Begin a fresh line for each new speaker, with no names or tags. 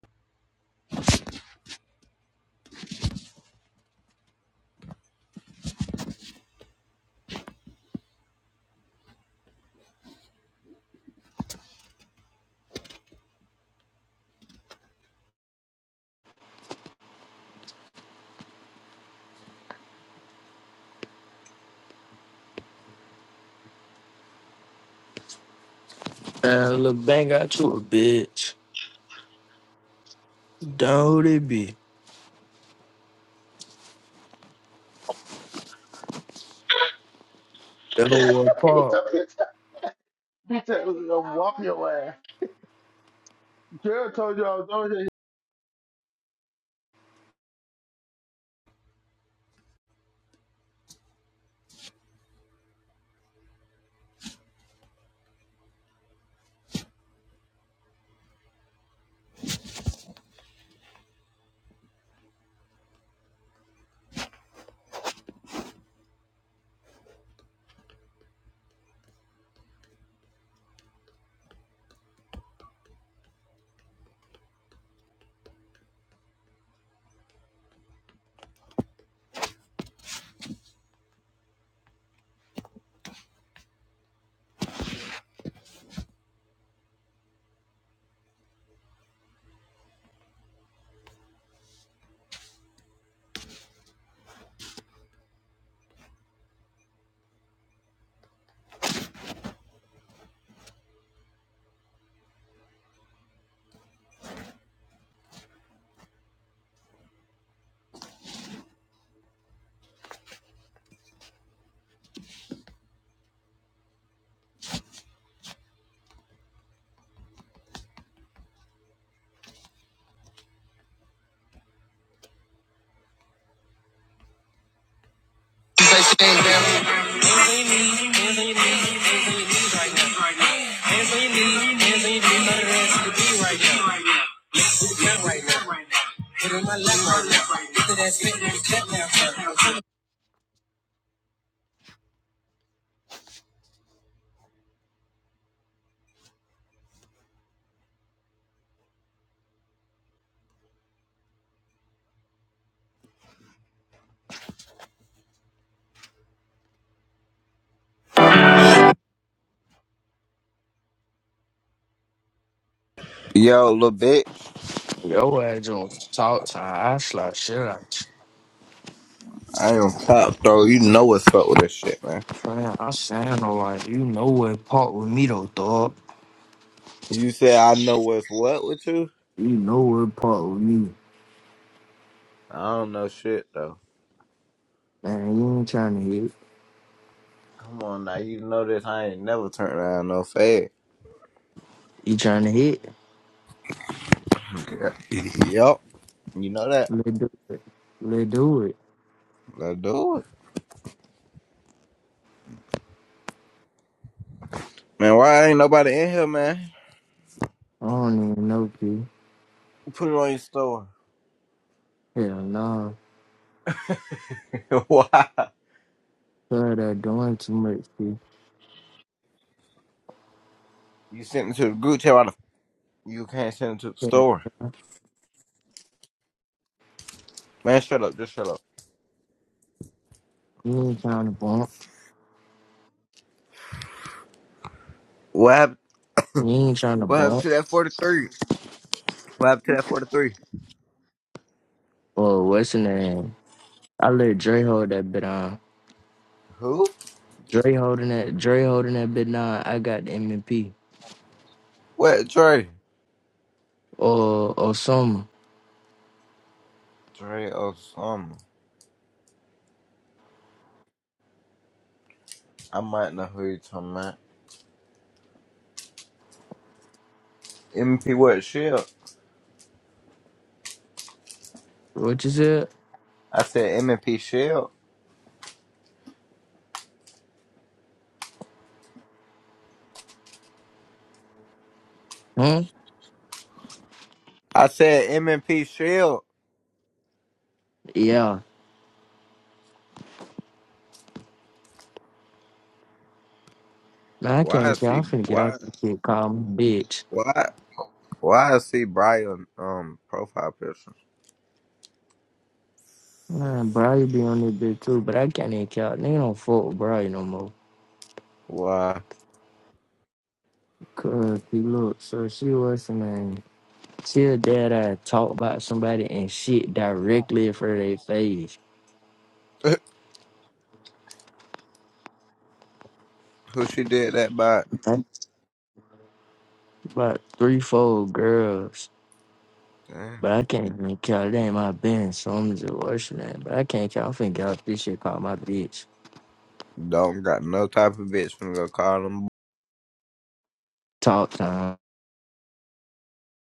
Man, little bang got you a bitch. Don't it be? That whole
He
part.
told me to walk your ass. Jared told you I was on here.
Yo, little bitch.
Yo ass on talk time. I slap shit out
I am cop, though. You know what's up with this shit, man.
you. Man, I sound like you know where part with me though, dog.
You said I know what's what with you?
You know where part with me.
I don't know shit, though.
Man, you ain't trying to hit.
Come on now. You know this. I ain't never turned around no fade.
You trying to hit?
Yup. You know that.
Let do it. Let do it.
Let's do it. Man, why ain't nobody in here, man?
I don't even know, P.
Put it on your store.
Hell no. Nah.
why?
Sorry that doing too much, P.
You sent it to the group chat. Why the f- you can't send it to the
Yeah,
store? Man, shut up. Just shut up.
you ain't trying to bump.
What happened?
You ain't trying to
What happened
bump.
to that forty three? What happened to that forty three?
Well, what's in name? I let Dre hold that bit on.
Who?
Dre holding that. Dre holding that bit on. I got the MVP.
What, Dre?
Or or some.
Dre or something. I might know who you're talking about. MP what shield?
What you said?
I said M and P shield.
Huh?
I said M and P shield.
Yeah. Man, I
Why
can't
is he?
count. I'm finna get
Why?
off this shit. Call me bitch.
Why? Why is he Brian? Um, profile picture.
Man, Bri be on this bitch too, but I can't even count. They don't fuck with Bri no more.
Why?
Cause he look, so she was her name. She a dad I talk about somebody and shit directly in front of their face.
who she did that by?
That's about three, four girls.
Damn.
But I can't even count. That ain't my business. So I'm just worshiping that. But I can't count. I finna get off this shit called my bitch.
Don't got no type of bitch finna go call them
Talk time.